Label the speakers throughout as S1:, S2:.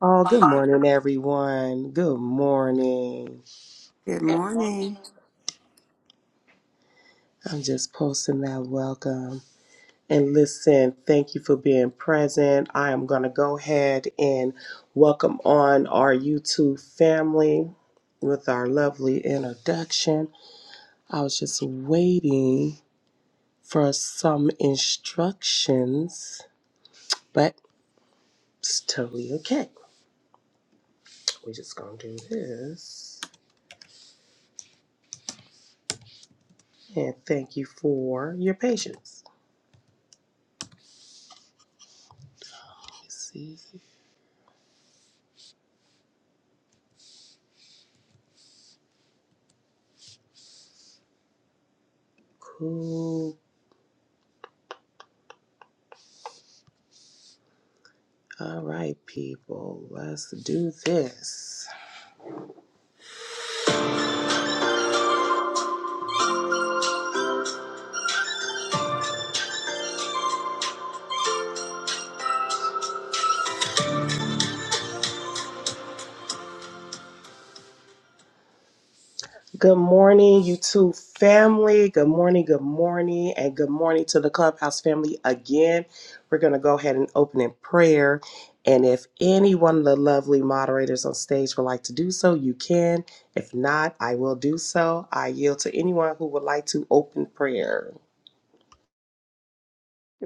S1: Oh, good morning, everyone. Good morning.
S2: Good morning.
S1: I'm just posting that welcome. And listen, thank you for being present. I am going to go ahead and welcome on our YouTube family with our lovely introduction. I was just waiting for some instructions, but it's totally okay. We're just going to do this. And thank you for your patience. Let's see. Cool. All right, people, let's do this. Good morning, YouTube family. Good morning, good morning, and good morning to the Clubhouse family again. We're going to go ahead and open in prayer. And if any one of the lovely moderators on stage would like to do so, you can. If not, I will do so. I yield to anyone who would like to open prayers.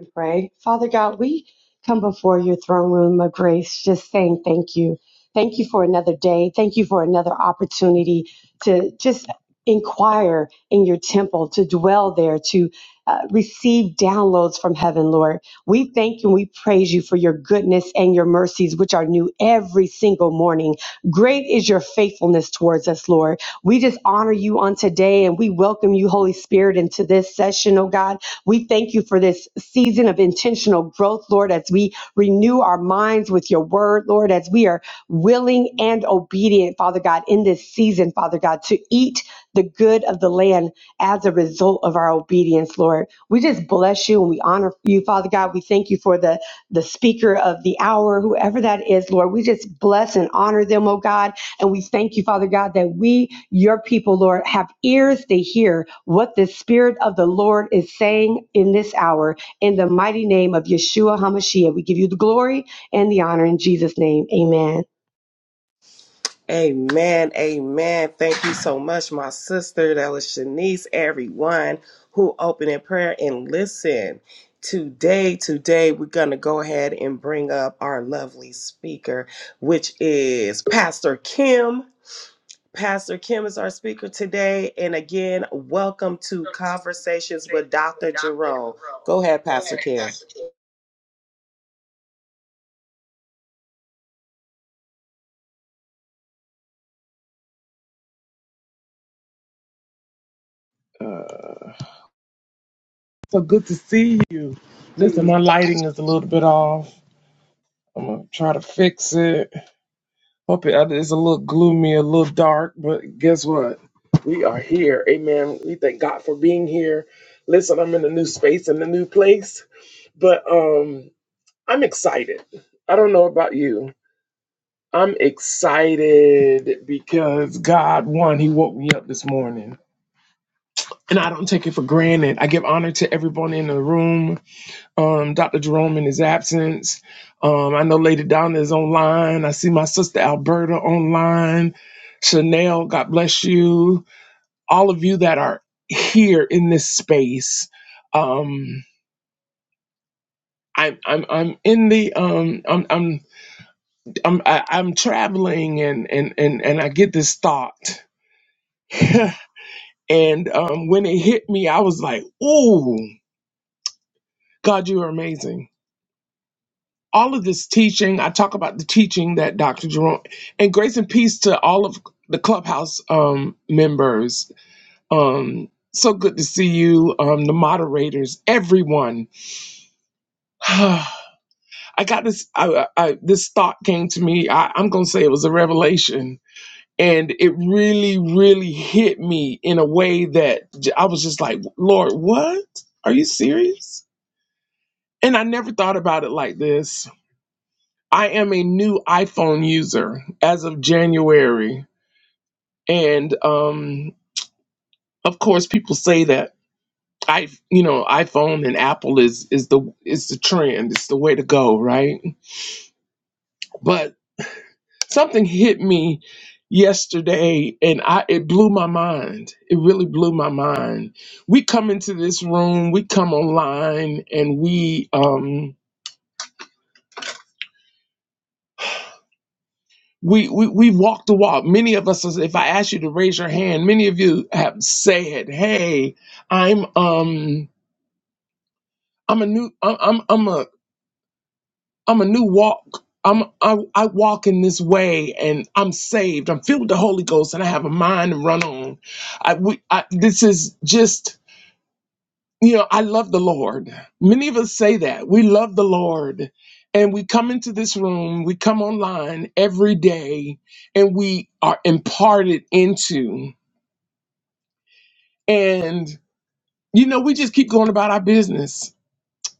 S3: and pray. Father God, we come before your throne room of grace just saying thank you. Thank you for another day. Thank you for another opportunity to just inquire in your temple, to dwell there, to uh, receive downloads from heaven, Lord. We thank you and we praise you for your goodness and your mercies, which are new every single morning. Great is your faithfulness towards us, Lord. We just honor you on today and we welcome you, Holy Spirit, into this session, oh God. We thank you for this season of intentional growth, Lord, as we renew our minds with your word, Lord, as we are willing and obedient, Father God, in this season, Father God, to eat the good of the land as a result of our obedience, Lord. We just bless you and we honor you, Father God. We thank you for the, the speaker of the hour, whoever that is, Lord. We just bless and honor them, oh God, and we thank you, Father God, that we, your people, Lord, have ears to hear what the Spirit of the Lord is saying in this hour. In the mighty name of Yeshua HaMashiach, we give you the glory and the honor in Jesus' name. Amen.
S1: Amen. Amen. Thank you so much, my sister. That was Shanice, everyone who opened in prayer and listen. Today, today, we're going to go ahead and bring up our lovely speaker, which is Pastor Kim. Pastor Kim is our speaker today. And again, welcome to Conversations with Dr. Jerome. Go ahead, Pastor Kim.
S4: So good to see you. Listen, my lighting is a little bit off. I'm gonna try to fix it. Hope it, uh, it's a little gloomy, a little dark, but guess what? We are here. Amen. We thank God for being here. Listen, I'm in a new space and a new place, but um, I'm excited. I don't know about you. I'm excited because God, one, He woke me up this morning. And I don't take it for granted. I give honor to everyone in the room um, Dr. Jerome in his absence. Um, I know Lady Donna is online. I see my sister Alberta online. Chanel, God bless you. All of you that are here in this space. Um, I'm I'm I'm in the um I'm I'm I'm I- I'm traveling and and and and I get this thought. and um, when it hit me, I was like, "Ooh, God, you are amazing." all of this teaching. I talk about the teaching that Dr. Jerome and grace and peace to all of the clubhouse um, members. Um, so good to see you, um, the moderators, everyone. I got this. I, I, this thought came to me. I, I'm gonna say it was a revelation, and it really, really hit me in a way that j- I was just like, "Lord, what? Are you serious?" And I never thought about it like this I am a new iPhone user as of January, and um, of course, people say that I, you know, iPhone and Apple is is the is the trend, it's the way to go, right? But something hit me yesterday, and I it blew my mind. It really blew my mind. We come into this room, we come online, and we um, We, we we have walked the walk. Many of us, if I ask you to raise your hand, many of you have said, "Hey, I'm um I'm a new I'm I'm, I'm a I'm a new walk. I'm I, I walk in this way, and I'm saved. I'm filled with the Holy Ghost, and I have a mind to run on. I we I, this is just you know I love the Lord. Many of us say that we love the Lord, and we come into this room, we come online every day, and we are imparted into. And, you know, we just keep going about our business.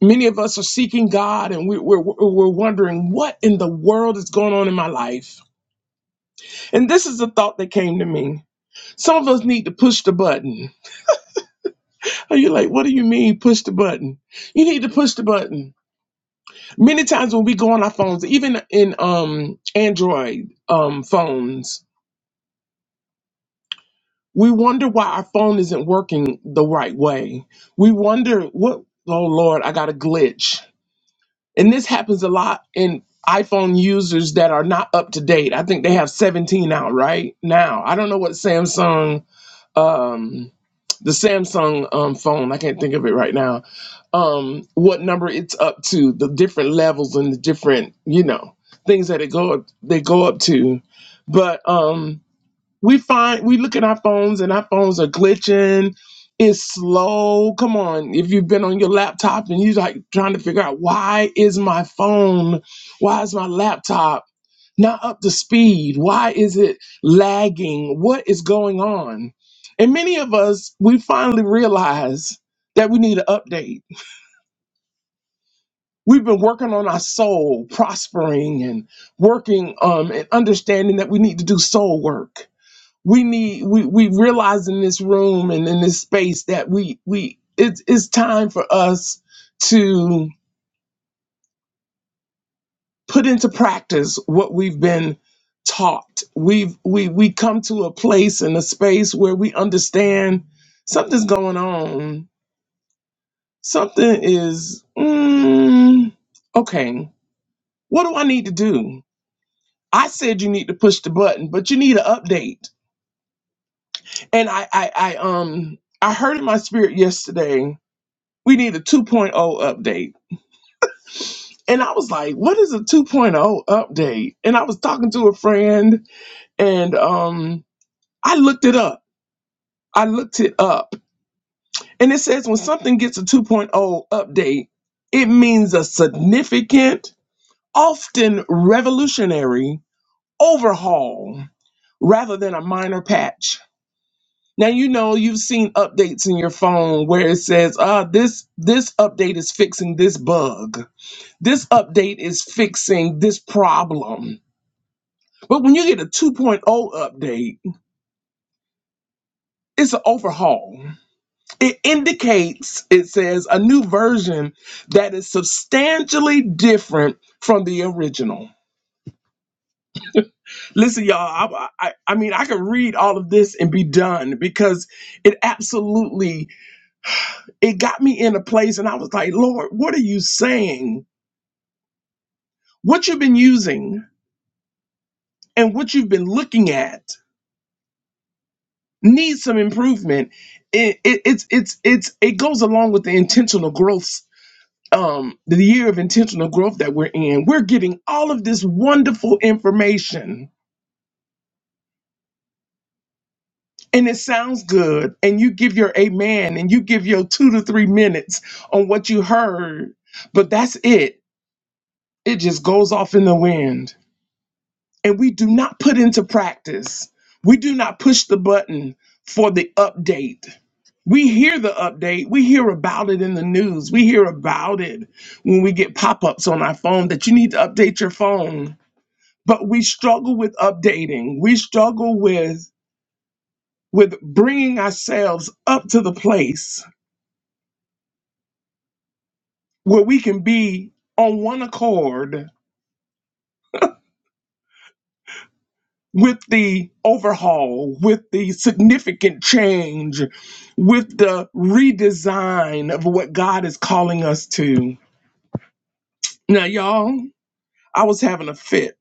S4: Many of us are seeking God and we, we're, we're wondering what in the world is going on in my life. And this is a thought that came to me. Some of us need to push the button. Are you like, what do you mean push the button? You need to push the button. Many times when we go on our phones, even in um, Android um, phones, we wonder why our phone isn't working the right way. We wonder what, oh Lord, I got a glitch And this happens a lot in iPhone users that are not up to date. I think they have 17 out right now. I don't know what Samsung, um, the Samsung um, phone, I can't think of it right now, um, what number it's up to, the different levels and the different, you know, things that it go up, they go up to. But um, we find we look at our phones and our phones are glitching it's slow come on if you've been on your laptop and you're like trying to figure out why is my phone why is my laptop not up to speed why is it lagging what is going on and many of us we finally realize that we need an update we've been working on our soul prospering and working um, and understanding that we need to do soul work we need we we realize in this room and in this space that we we it's it's time for us to put into practice what we've been taught we've we we come to a place and a space where we understand something's going on something is mm, okay what do i need to do i said you need to push the button but you need an update and i i, I um i heard in my spirit yesterday we need a 2.0 update. And I was like, what is a 2.0 update? And I was talking to a friend and um, I looked it up. I looked it up. And it says when something gets a 2.0 update, it means a significant, often revolutionary overhaul rather than a minor patch. Now you know you've seen updates in your phone where it says, "Ah, this this update is fixing this bug." This update is fixing this problem. But when you get a 2.0 update, it's an overhaul. It indicates, it says, a new version that is substantially different from the original. Listen, y'all, I, I, I mean, I could read all of this and be done because it absolutely, it got me in a place and I was like, Lord, what are you saying? What you've been using and what you've been looking at needs some improvement. It, it it's it's it's it goes along with the intentional growth um the year of intentional growth that we're in. We're getting all of this wonderful information and it sounds good and you give your amen and you give your 2 to 3 minutes on what you heard, but that's it. It just goes off in the wind and we do not put into practice, we do not push the button for the update. We hear the update, we hear about it in the news, we hear about it when we get pop ups on our phone that you need to update your phone. But we struggle with updating, we struggle with, with bringing ourselves up to the place where we can be on one accord with the overhaul, with the significant change, with the redesign of what God is calling us to. Now, y'all, I was having a fit.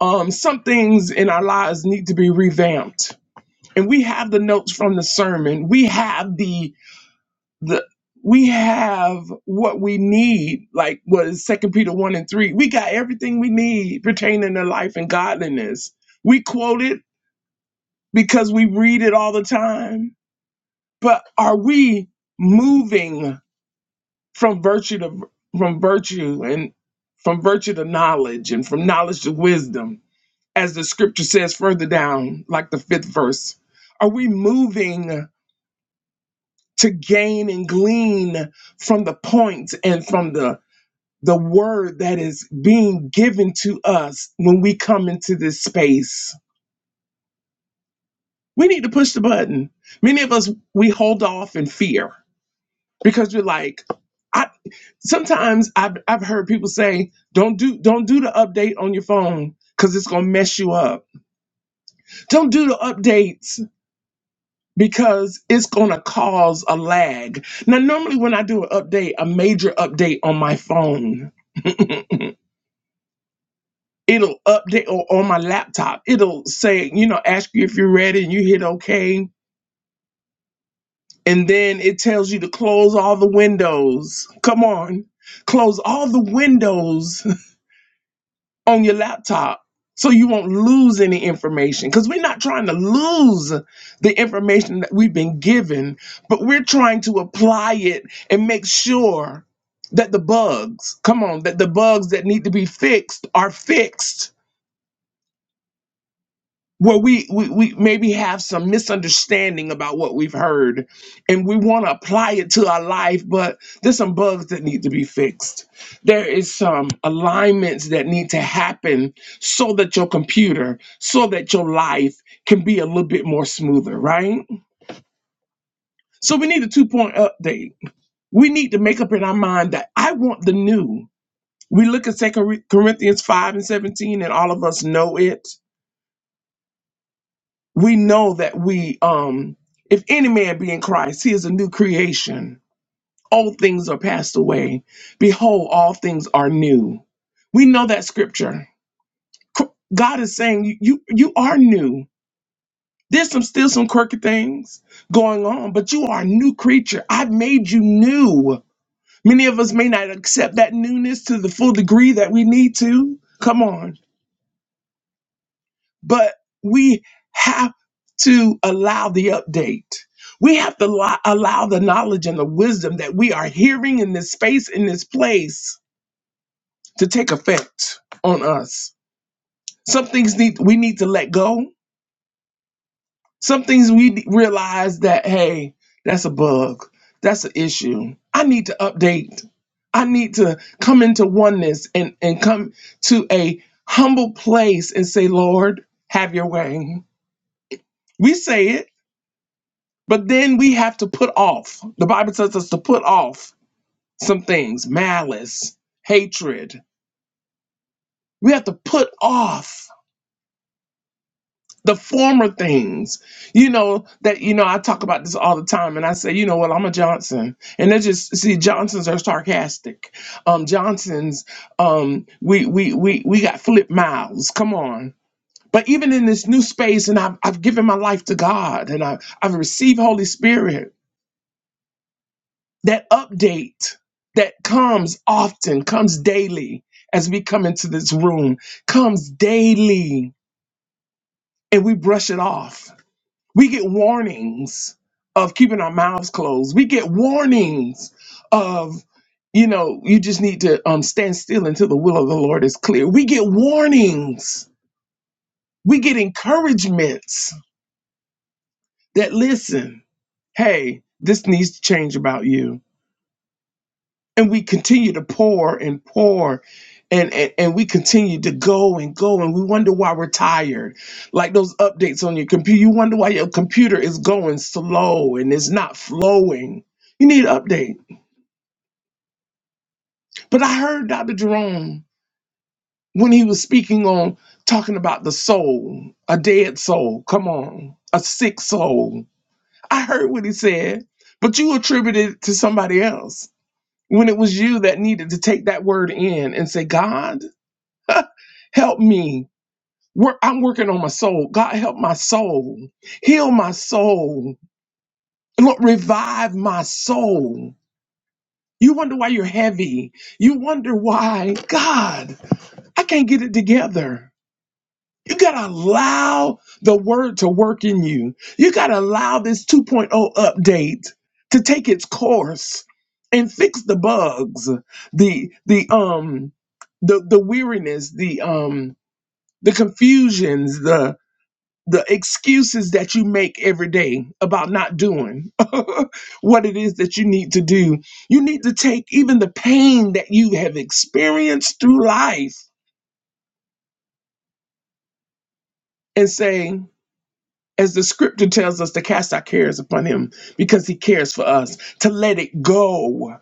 S4: Um, some things in our lives need to be revamped, and we have the notes from the sermon. We have the the we have what we need, like what is Second Peter one and three. We got everything we need pertaining to life and godliness. We quote it because we read it all the time but are we moving from virtue to from virtue and from virtue to knowledge and from knowledge to wisdom as the scripture says further down like the fifth verse are we moving to gain and glean from the points and from the the word that is being given to us when we come into this space we need to push the button many of us we hold off in fear because we're like I. sometimes I've I've heard people say, "Don't do don't do the update on your phone because it's gonna mess you up. Don't do the updates because it's gonna cause a lag." Now, normally when I do an update, a major update on my phone. It'll update or on my laptop. It'll say, you know, ask you if you're ready and you hit OK. And then it tells you to close all the windows. Come on. Close all the windows on your laptop so you won't lose any information because we're not trying to lose the information that we've been given but we're trying to apply it and make sure that the bugs come on that the bugs that need to be fixed are fixed where we, we we maybe have some misunderstanding about what we've heard and we want to apply it to our life but there's some bugs that need to be fixed there is some alignments that need to happen so that your computer so that your life can be a little bit more smoother right so we need a two point update we need to make up in our mind that i want the new we look at second corinthians 5 and 17 and all of us know it we know that we um if any man be in christ he is a new creation old things are passed away behold all things are new we know that scripture Cr- god is saying you you, you are new there's some still some quirky things going on but you are a new creature i've made you new many of us may not accept that newness to the full degree that we need to come on but we have to allow the update. We have to lo- allow the knowledge and the wisdom that we are hearing in this space, in this place, to take effect on us. Some things need we need to let go. Some things we d- realize that hey, that's a bug, that's an issue. I need to update. I need to come into oneness and and come to a humble place and say, Lord, have your way. We say it But then we have to put off. The Bible tells us to put off some things malice, hatred. We have to put off the former things. You know, that, you know, I talk about this all the time and I say, you know what, I'm a Johnson. And they just, see, Johnsons are sarcastic. Um, Johnsons, um, we, we, we, we got flip mouths. Come on. But even in this new space, and I've, I've given my life to God and I, I've received Holy Spirit that update that comes often, comes daily as we come into this room, comes daily and we brush it off. We get warnings of keeping our mouths closed. We get warnings of, you know, you just need to um, stand still until the will of the Lord is clear. We get warnings. We get encouragements that listen, hey, this needs to change about you and we continue to pour and pour and, and and we continue to go and go and we wonder why we're tired like those updates on your computer you wonder why your computer is going slow and it's not flowing you need an update but i heard dr jerome when he was speaking on talking about the soul a dead soul come on a sick soul i heard what he said but you attributed it to somebody else when it was you that needed to take that word in and say god help me. Work, I'm working on my soul. God, help my soul. Heal my soul. Lord, revive my soul. You wonder why you're heavy. You wonder why, God, I can't get it together. You got to allow the word to work in you. You got to allow this 2.0 update to take its course and fix the bugs, the, the, um, the, the weariness, the, um, the confusions, the excuses that you make every day about not doing what it is that you need to do. You need to take even the pain that you have experienced through life and say, as the scripture tells us, to cast our cares upon him because he cares for us, to let it go.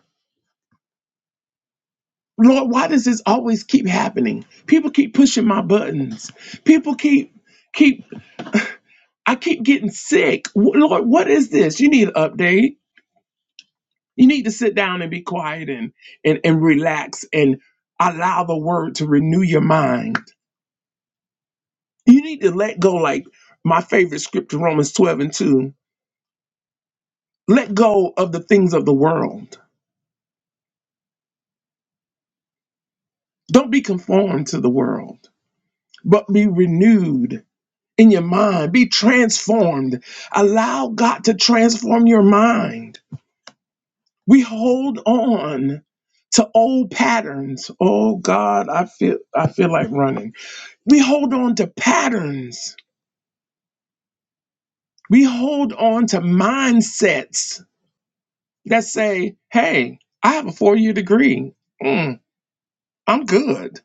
S4: Lord, why does this always keep happening? People keep pushing my buttons. People keep, keep, I keep getting sick. W- Lord, what is this? You need an update You need to sit down and be quiet and, and, and relax and allow the word to renew your mind. You need to let go, like my favorite scripture, Romans 12 and 2. Let go of the things of the world. Don't be conformed to the world, but be renewed in your mind. Be transformed. Allow God to transform your mind. We hold on to old patterns. Oh God, I feel I feel like running. We hold on to patterns We hold on to mindsets that say, hey, I have a four year degree. Mm, I'm good.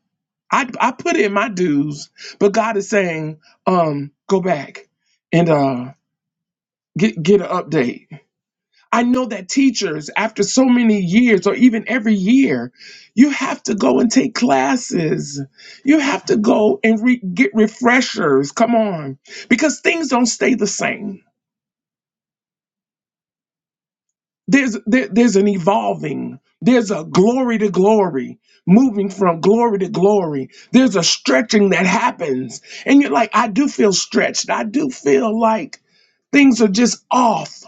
S4: I, I put in my dues, but God is saying, um, go back and uh, get, get an update. I know that teachers, after so many years or even every year, you have to go and take classes. You have to go and re- get refreshers. Come on. Because things don't stay the same there's there, there's an evolving there's a glory to glory moving from glory to glory there's a stretching that happens and you're like i do feel stretched i do feel like things are just off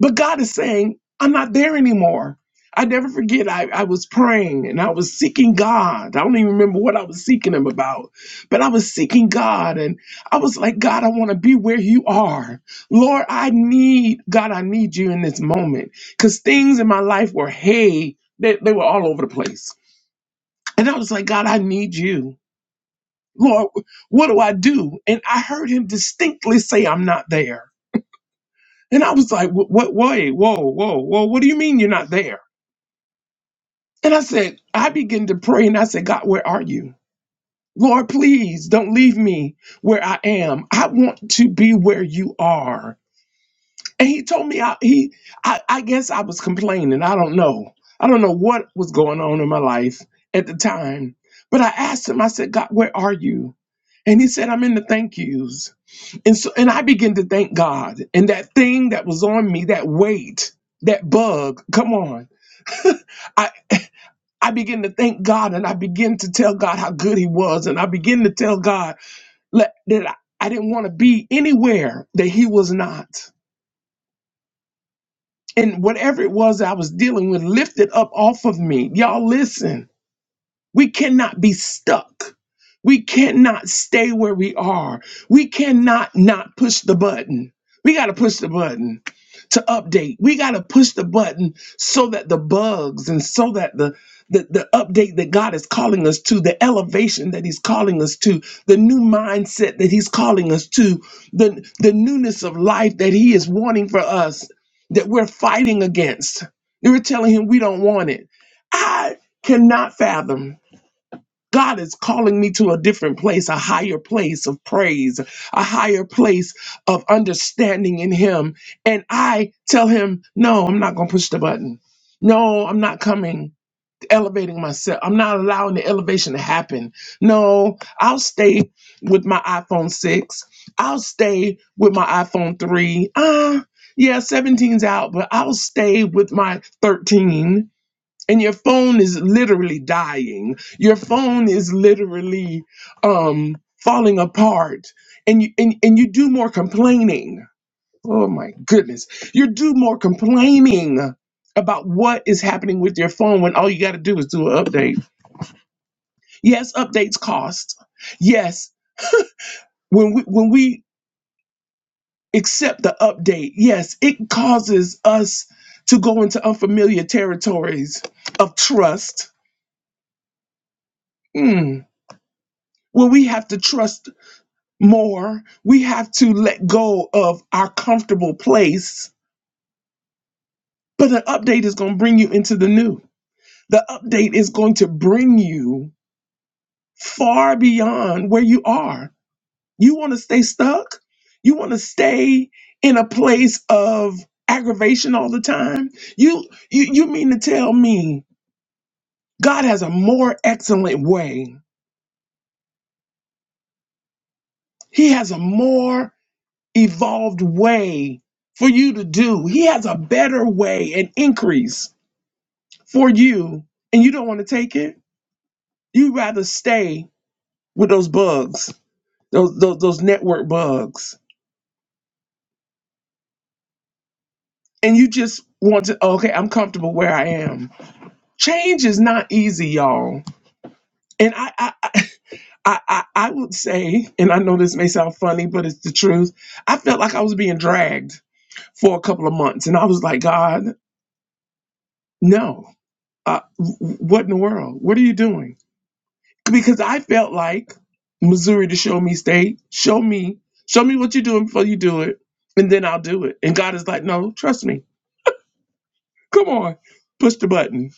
S4: but God is saying, I'm not there anymore. I never forget, I, I was praying and I was seeking God. I don't even remember what I was seeking Him about, but I was seeking God and I was like, God, I want to be where you are. Lord, I need, God, I need you in this moment because things in my life were, hey, they, they were all over the place. And I was like, God, I need you. Lord, what do I do? And I heard Him distinctly say, I'm not there. And I was like, what, what, wait, whoa, whoa, whoa, what do you mean you're not there? And I said, I began to pray and I said, God, where are you? Lord, please don't leave me where I am. I want to be where you are. And he told me, I, he, I, I guess I was complaining. I don't know. I don't know what was going on in my life at the time. But I asked him, I said, God, where are you? And he said, I'm in the thank yous. And so and I began to thank God. And that thing that was on me, that weight, that bug, come on. I I begin to thank God and I begin to tell God how good he was. And I begin to tell God let- that I, I didn't want to be anywhere that he was not. And whatever it was I was dealing with lifted up off of me. Y'all listen We cannot be stuck. We cannot stay where we are. We cannot not push the button. We got to push the button to update. We got to push the button so that the bugs and so that the the, the update that God is calling us to, the elevation that He's calling us to, the new mindset that He's calling us to, the, the newness of life that He is wanting for us, that we're fighting against. You're telling Him we don't want it. I cannot fathom God is calling me to a different place, a higher place of praise, a higher place of understanding in Him. And I tell Him, no, I'm not going to push the button. No, I'm not coming, elevating myself. I'm not allowing the elevation to happen. No, I'll stay with my iPhone 6. I'll stay with my iPhone 3. Ah, yeah, seventeen's out, but I'll stay with my 13 and your phone is literally dying your phone is literally um falling apart and you and, and you do more complaining oh my goodness you do more complaining about what is happening with your phone when all you got to do is do an update yes updates cost yes when we when we accept the update yes it causes us to go into unfamiliar territories of trust Mm. When we have to trust more. We have to let go of our comfortable place. But the update is going to bring you into the new. The update is going to bring you far beyond where you are. You want to stay stuck? You want to stay in a place of aggravation all the time? You you you mean to tell me God has a more excellent way. He has a more evolved way for you to do. He has a better way and increase for you and you don't want to take it, you rather stay with those bugs, those, those those network bugs. And you just want to oh, okay, I'm comfortable where I am. Change is not easy, y'all. And I I I, I, I would say, and I know this may sound funny, but it's the truth. I felt like I was being dragged for a couple of months, and I was like, God, no. Uh, w- w- what in the world? What are you doing? because I felt like Missouri to show me state, show me, show me what you're doing before you do it, and then I'll do it. And God is like, no, trust me. Come on, push the button.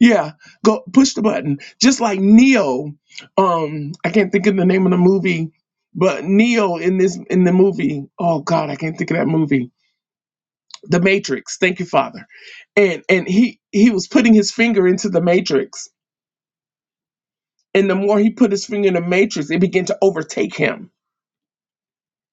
S4: Yeah, go push the button. Just like Neo, um, I can't think of the name of the movie, but Neo in this in the movie, oh God, I can't think of that movie. The Matrix. Thank you, Father. And and he he was putting his finger into the Matrix. And the more he put his finger in the matrix, it began to overtake him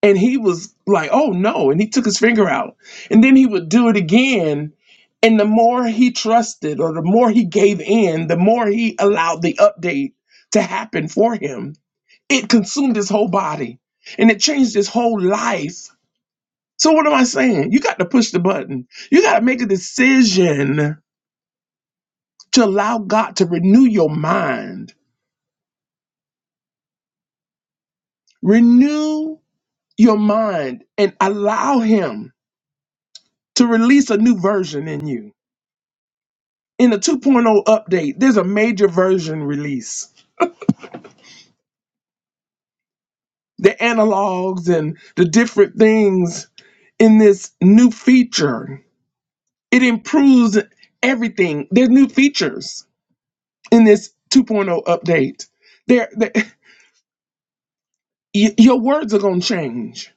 S4: And he was like, oh no. And he took his finger out. And then he would do it again. And the more he trusted or the more he gave in, the more he allowed the update to happen for him. It consumed his whole body and it changed his whole life. So, what am I saying? You got to push the button. You got to make a decision to allow God to renew your mind. Renew your mind and allow Him to release a new version in you in the 2.0 update, there's a major version release. The analogs and the different things in this new feature, it improves everything. There's new features in this 2.0 update. There, there y- your words are going to change.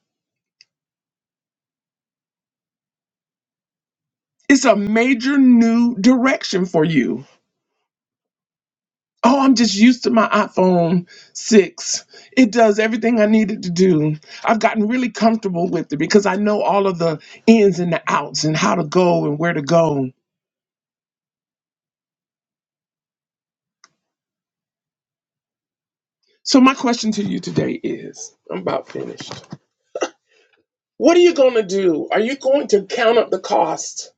S4: It's a major new direction for you. Oh, I'm just used to my iPhone 6. It does everything I needed to do. I've gotten really comfortable with it because I know all of the ins and the outs and how to go and where to go. So, my question to you today is I'm about finished. What are you going to do? Are you going to count up the cost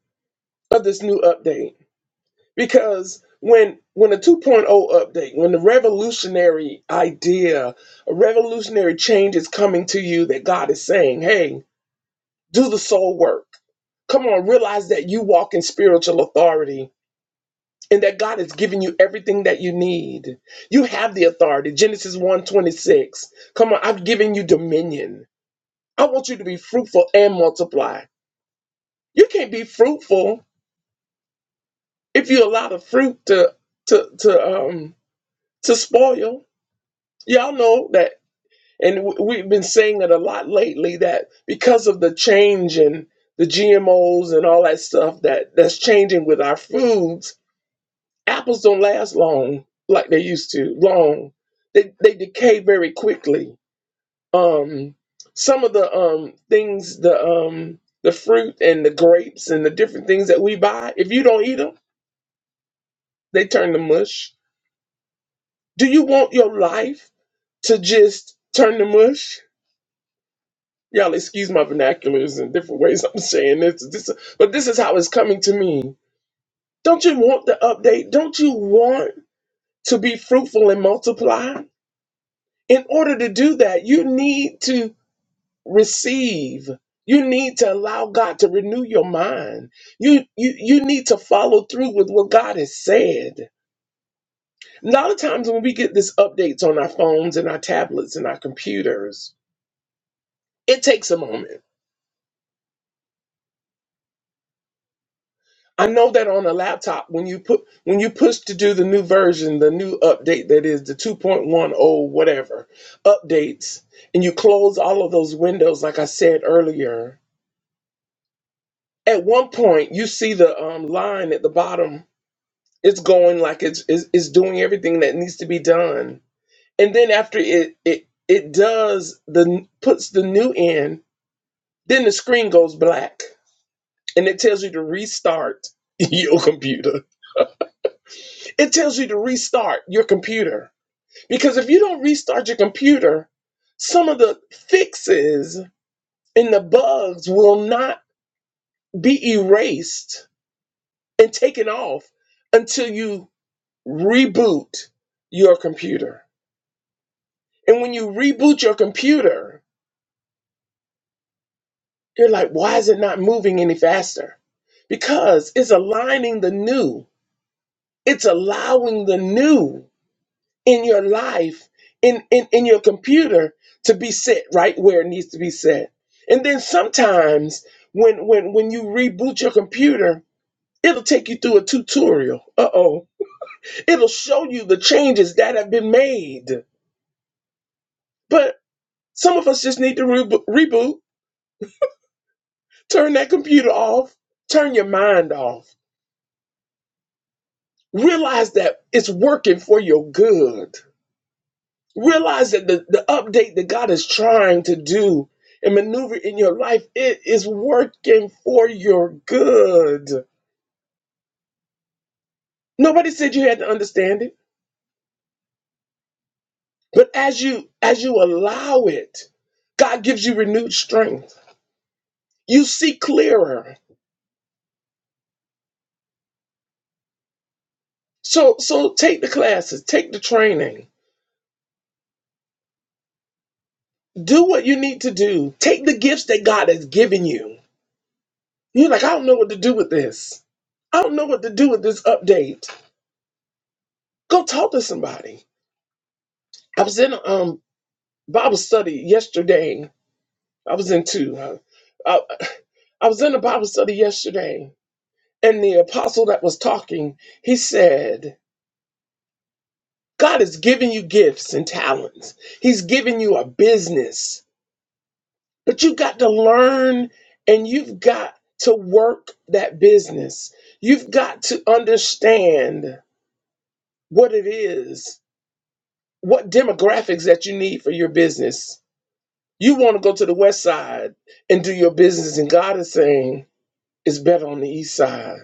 S4: of this new update? Because when when a 2.0 update, when the revolutionary idea, a revolutionary change is coming to you that God is saying, "Hey, Do the soul work. Come on, realize that you walk in spiritual authority and that God has given you everything that you need. You have the authority. Genesis one twenty six. Come on, I've given you dominion. I want you to be fruitful and multiply. You can't be fruitful if you allow the fruit to to to um to spoil. Y'all know that And w- we've been saying it a lot lately that because of the change in the GMOs and all that stuff that that's changing with our foods, apples don't last long like they used to. Long, they they decay very quickly. Um, some of the um things, the um the fruit and the grapes and the different things that we buy, if you don't eat them, they turn to mush. Do you want your life to just turn to mush? Y'all excuse my vernaculars and different ways I'm saying this. This but this is how it's coming to me. Don't you want the update? Don't you want to be fruitful and multiply? In order to do that, you need to receive. You need to allow God to renew your mind. You you you need to follow through with what God has said. A lot of times when we get these updates on our phones and our tablets and our computers, it takes a moment I know that on a laptop, when you put when you push to do the new version, the new update that is the 2.10 whatever updates, and you close all of those windows, like I said earlier, at one point you see the um, line at the bottom. It's going like it's, it's it's doing everything that needs to be done, and then after it it it does the puts the new in, then the screen goes black, and it tells you to restart your computer It tells you to restart your computer because if you don't restart your computer, some of the fixes and the bugs will not be erased and taken off until you reboot your computer. And when you reboot your computer, you're like, why is it not moving any faster? Because it's aligning the new, it's allowing the new in your life, in, in, in your computer to be set right where it needs to be set. And then sometimes when when when you reboot your computer, it'll take you through a tutorial. Uh-oh. It'll show you the changes that have been made. But some of us just need to rebo reboot, turn that computer off, turn your mind off. Realize that it's working for your good Realize that the, the update that God is trying to do and maneuver in your life, it is working for your good. Nobody said you had to understand it, but as you as you allow it, God gives you renewed strength. You see clearer. So so take the classes, take the training, do what you need to do. Take the gifts that God has given you. You're like, I don't know what to do with this. I don't know what to do with this update. Go talk to somebody. I was in a um, Bible study yesterday. I was in two. I, I, I was in a Bible study yesterday, and the apostle that was talking, he said, God is giving you gifts and talents. He's giving you a business, but you got to learn and you've got to work that business. You've got to understand what it is, what demographics that you need for your business. You want to go to the west side and do your business, and God is saying, It's better on the east side.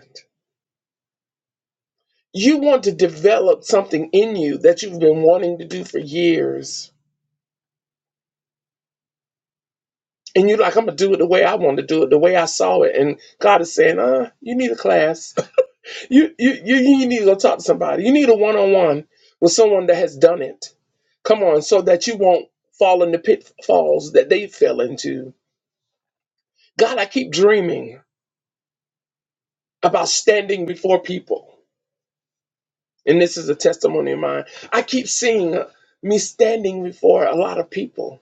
S4: You want to develop something in you that you've been wanting to do for years. And you're like, I'm gonna do it the way I want to do it, the way I saw it. And God is saying, uh, you need a class. You you you, you need to go talk to somebody. You need a one-on-one with someone that has done it. Come on, so that you won't fall in the pitfalls that they fell into. God, I keep dreaming about standing before people. And this is a testimony of mine. I keep seeing me standing before a lot of people.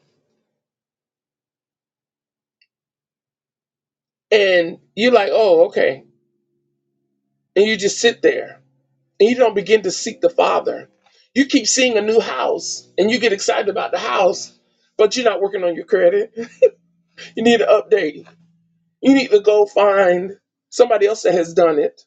S4: And you're like, oh, okay. And you just sit there and you don't begin to seek the Father. You keep seeing a new house and you get excited about the house, but you're not working on your credit. You need an update. You need to go find somebody else that has done it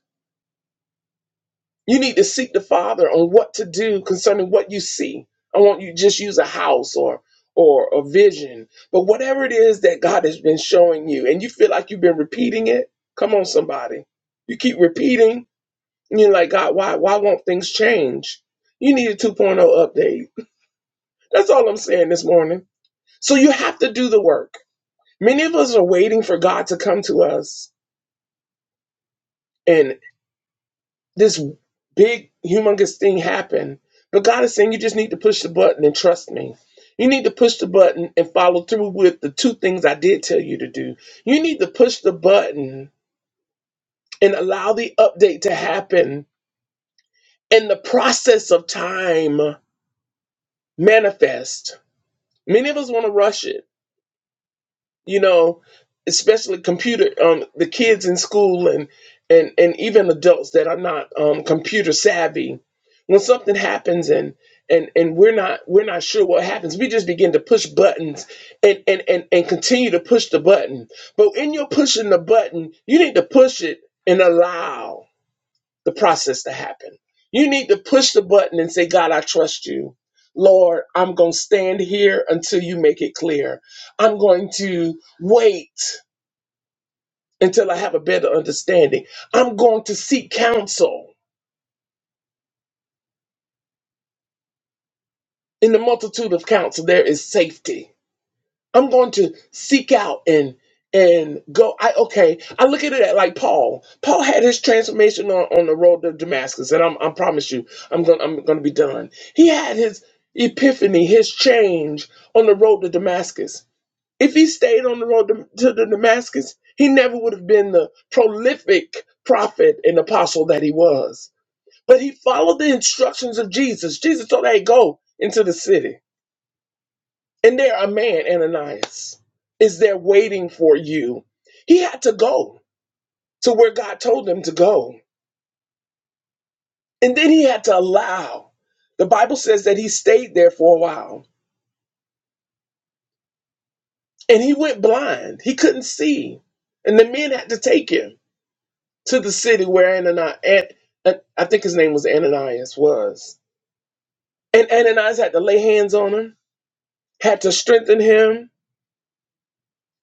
S4: You need to seek the Father on what to do concerning what you see. I want you to just use a house or or a vision, but whatever it is that God has been showing you, and you feel like you've been repeating it. Come on, somebody. You keep repeating, and you're like, God, why why won't things change? You need a 2.0 update. That's all I'm saying this morning. So you have to do the work. Many of us are waiting for God to come to us and. this big humongous thing happen but god is saying you just need to push the button and trust me you need to push the button and follow through with the two things i did tell you to do you need to push the button and allow the update to happen and the process of time manifest many of us want to rush it you know, especially computer um the kids in school and and and even adults that are not um computer savvy when something happens and and and we're not we're not sure what happens we just begin to push buttons and and and, and continue to push the button but in your pushing the button you need to push it and allow the process to happen. You need to push the button and say, God, I trust you. Lord, I'm going to stand here until you make it clear. I'm going to wait until I have a better understanding. I'm going to seek counsel. In the multitude of counsel, there is safety. I'm going to seek out and and go. I okay. I look at it like Paul. Paul had his transformation on, on the road to Damascus, and I'm I promise you, I'm gonna I'm gonna be done. He had his epiphany, his change on the road to Damascus. If he stayed on the road to, to the Damascus, he never would have been the prolific prophet and apostle that he was. But he followed the instructions of Jesus. Jesus told, "Hey, go into the city." And there a man, Ananias, is there waiting for you. He had to go to where God told him to go. And then he had to allow. The Bible says that he stayed there for a while and he went blind. He couldn't see. And the men had to take him to the city where Ananias, An- An- I think his name was Ananias, was. And Ananias had to lay hands on him, had to strengthen him.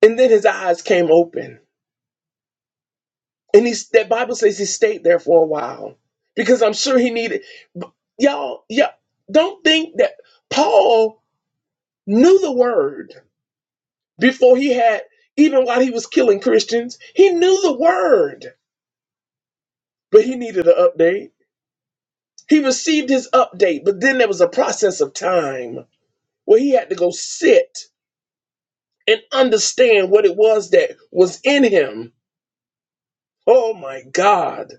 S4: And then his eyes came open. And he's that Bible says he stayed there for a while because I'm sure he needed b- y'all. Yeah, don't think that Paul knew the word before he had even while he was killing Christians. He knew the word, but he needed an update. He received his update, but then there was a process of time where he had to go sit and understand what it was that was in him. Oh my God.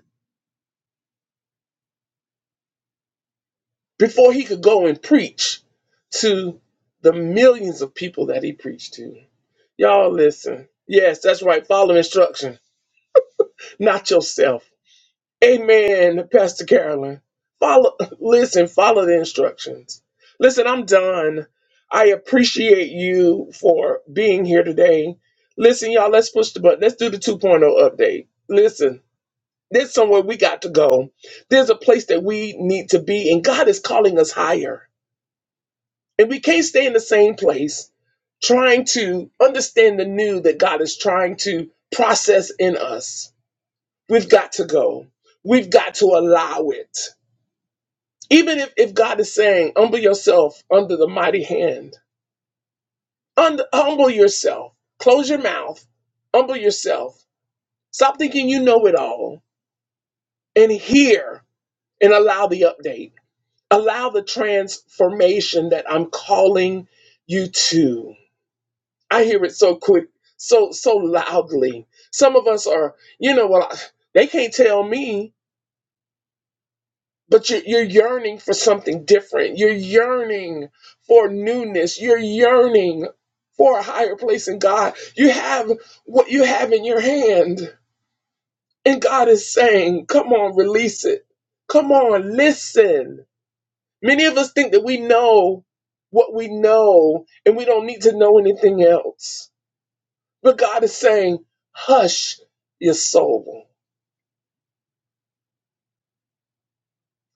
S4: before he could go and preach to the millions of people that he preached to. Y'all listen. Yes, that's right. Follow instruction, not yourself. Amen, Pastor Carolyn. Follow listen, follow the instructions. Listen, I'm done. I appreciate you for being here today. Listen, y'all, let's push the button. Let's do the 2.0 update. Listen, there's somewhere we got to go. There's a place that we need to be, and God is calling us higher. And we can't stay in the same place trying to understand the new that God is trying to process in us. We've got to go. We've got to allow it. Even if, if God is saying, humble yourself under the mighty hand, Un- humble yourself, close your mouth, humble yourself, stop thinking you know it all, and hear and allow the update. Allow the transformation that I'm calling you to. I hear it so quick, so so loudly. Some of us are, you know what? I- They can't tell me, but you're, you're yearning for something different. You're yearning for newness. You're yearning for a higher place in God. You have what you have in your hand, and God is saying, "Come on, release it. Come on, listen." Many of us think that we know what we know, and we don't need to know anything else But God is saying, hush your soul.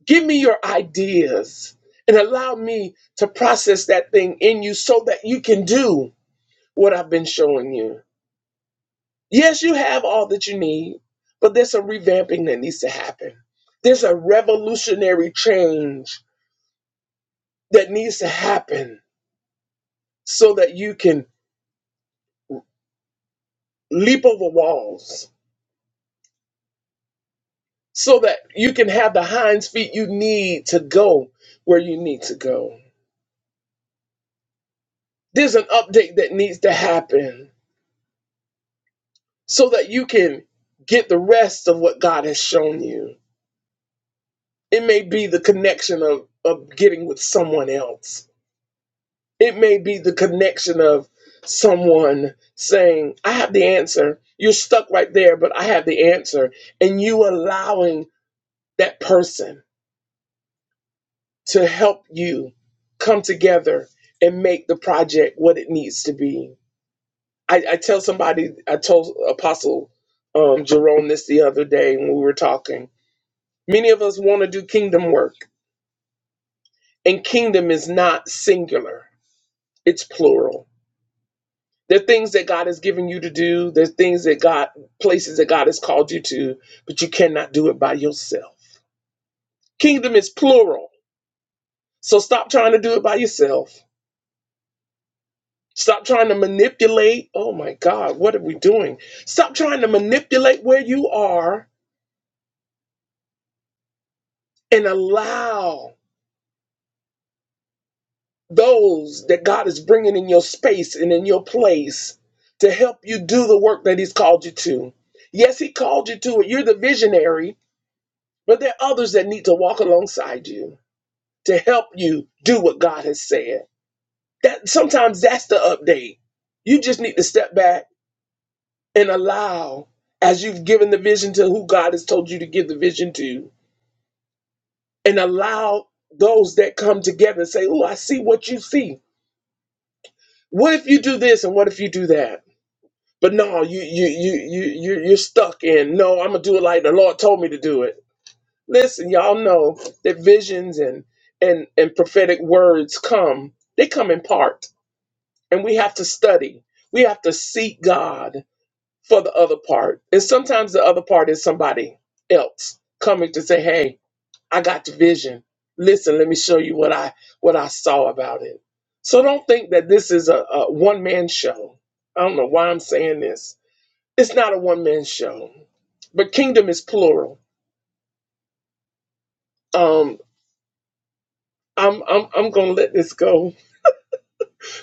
S4: Give me your ideas and allow me to process that thing in you so that you can do what I've been showing you. Yes, you have all that you need, but there's some revamping that needs to happen. There's a revolutionary change that needs to happen so that you can leap over walls, so that you can have the hinds feet you need to go where you need to go. There's an update that needs to happen so that you can get the rest of what God has shown you. It may be the connection of, of getting with someone else, it may be the connection of someone saying, I have the answer. You're stuck right there, but I have the answer. And you allowing that person to help you come together and make the project what it needs to be I, I tell somebody, I told Apostle um, Jerome this the other day when we were talking. Many of us want to do kingdom work, and kingdom is not singular, it's plural. There are things that God has given you to do, there's things that God, places that God has called you to, but you cannot do it by yourself. Kingdom is plural, so stop trying to do it by yourself. Stop trying to manipulate. Oh my God, what are we doing? Stop trying to manipulate where you are and allow. those that God is bringing in your space and in your place to help you do the work that He's called you to. Yes, He called you to it. You're the visionary, but there are others that need to walk alongside you to help you do what God has said. That sometimes that's the update. You just need to step back and allow, as you've given the vision to who God has told you to give the vision to, and allow those that come together and say, Oh, I see what you see. What if you do this and what if you do that? But no, you you you you you you're stuck in. No, I'm gonna do it like the Lord told me to do it. Listen, y'all know that visions and and and prophetic words come. They come in part, and we have to study. We have to seek God for the other part, and sometimes the other part is somebody else coming to say, "Hey, I got the vision. Listen, let me show you what I what I saw about it." So don't think that this is a, a one man show. I don't know why I'm saying this it's not a one man show, but kingdom is plural. Um, I'm I'm I'm gonna let this go.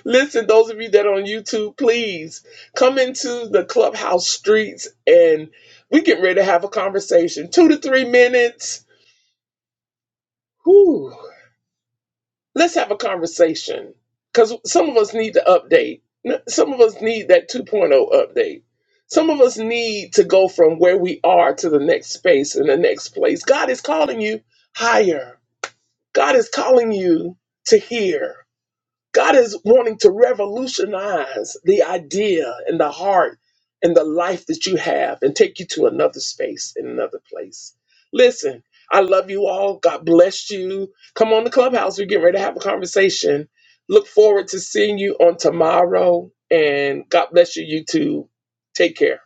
S4: Listen, those of you that are on YouTube, please come into the clubhouse streets and we get ready to have a conversation. Two to three minutes. Whew. Let's have a conversation because some of us need to update. Some of us need that 2.0 update. Some of us need to go from where we are to the next space and the next place. God is calling you higher. God is calling you to hear. God is wanting to revolutionize the idea and the heart and the life that you have and take you to another space and another place. Listen, I love you all. God bless you. Come on to Clubhouse. We're getting ready to have a conversation. Look forward to seeing you on tomorrow. And God bless you, you too. Take care.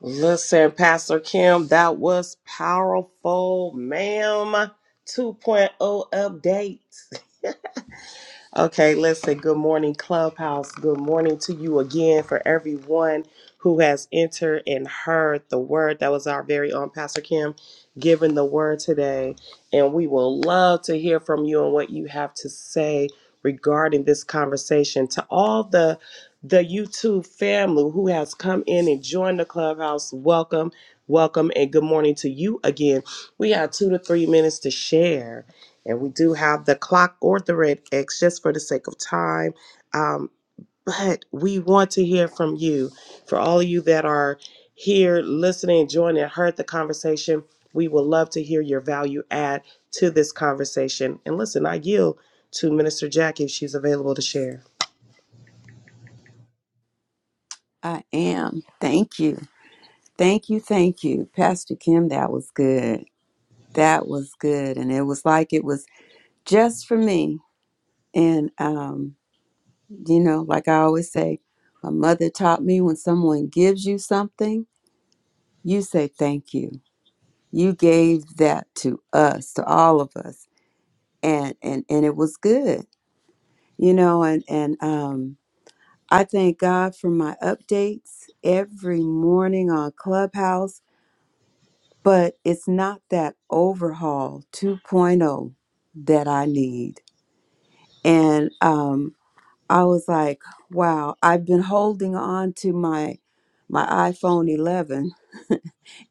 S1: Listen, Pastor Kim, that was powerful, ma'am. 2.0 point oh update. Okay, listen, good morning, Clubhouse. Good morning to you again for everyone who has entered and heard the word. That was our very own Pastor Kim giving the word today. And we will love to hear from you and what you have to say regarding this conversation. To all the the YouTube family who has come in and joined the clubhouse, welcome, welcome, and good morning to you again. We have two to three minutes to share and we do have the clock or the red X just for the sake of time. Um, but we want to hear from you. For all of you that are here listening, joining, heard the conversation, we would love to hear your value add to this conversation. And listen, I yield to Minister Jackie if she's available to share.
S2: I am. Thank you. Thank you. Thank you. Pastor Kim, that was good. That was good. And it was like it was just for me. And, um, you know, like I always say, my mother taught me when someone gives you something, you say thank you. You gave that to us, to all of us. And, and, and it was good, you know, and, and, um, I thank God for my updates every morning on Clubhouse but it's not that overhaul 2.0 that I need. And um, I was like, wow, I've been holding on to my my iPhone 11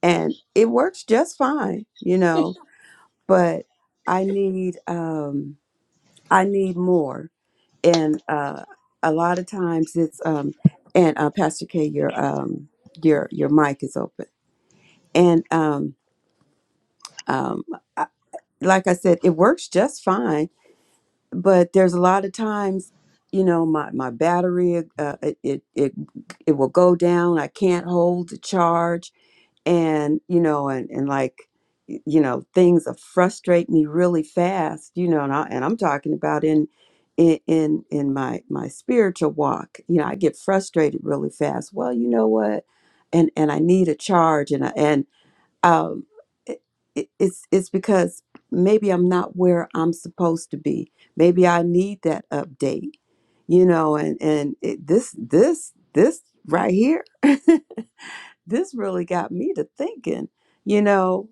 S2: and it works just fine, you know, but I need um I need more. And uh a lot of times it's um and uh, Pastor K your um your your mic is open. And um um I, like I said, it works just fine but there's a lot of times you know my my battery uh, uh, it, it it it will go down i can't hold the charge and you know and and like y- you know things that frustrate me really fast you know and, I, and i'm talking about in in in in my my spiritual walk you know i get frustrated really fast well you know what and and i need a charge and I, and um, it, it- it's it's because maybe I'm not where I'm supposed to be. Maybe I need that update, you know. And and it, this this this right here, this really got me to thinking. You know,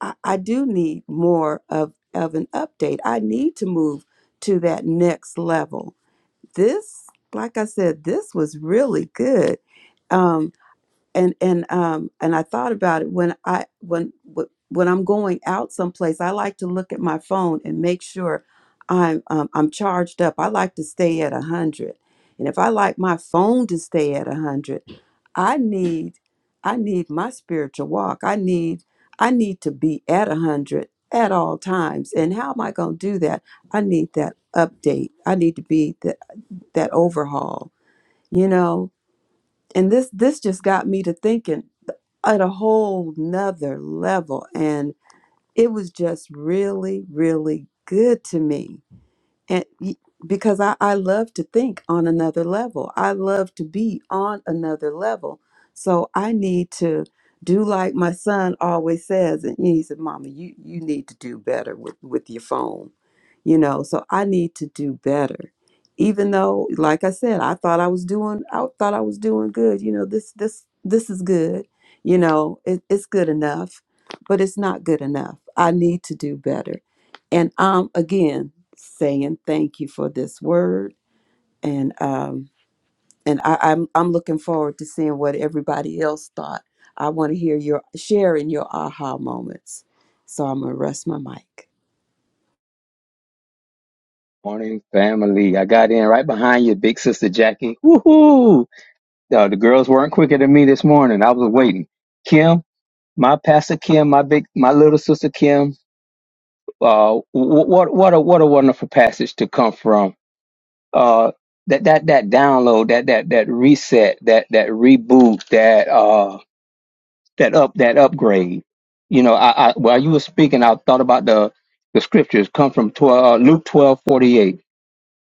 S2: I, I do need more of of an update. I need to move to that next level. This, like I said, this was really good. Um, and and um and I thought about it when I when wh- when I'm going out someplace, I like to look at my phone and make sure I'm um, I'm charged up. I like to stay at a hundred, and if I like my phone to stay at a hundred, I need I need my spiritual walk. I need I need to be at a hundred at all times. And how am I going to do that? I need that update. I need to be that that overhaul. You know, and this this just got me to thinking at a whole nother level. And it was just really, really good to me and y- because I, I love to think on another level i love to be on another level so i need to do like my son always says and he said mama you you need to do better with with your phone you know so i need to do better even though like i said i thought i was doing i thought i was doing good you know this this this is good you know it, it's good enough but it's not good enough i need to do better and I'm again saying thank you for this word. And um and I, I'm I'm looking forward to seeing what everybody else thought. I want to hear your sharing your aha moments. So I'm gonna rest my mic.
S5: Morning, family. I got in right behind you, big sister Jackie. Woohoo! No, the girls weren't quicker than me this morning. I was waiting. Kim, my pastor Kim, my big, my little sister Kim. Uh, wh- what what a what a wonderful passage to come from. Uh, that that that download, that that that reset, that that reboot, that uh that up that upgrade. You know, I, I while you were speaking, I thought about the the scriptures come from 12, uh, Luke twelve forty eight.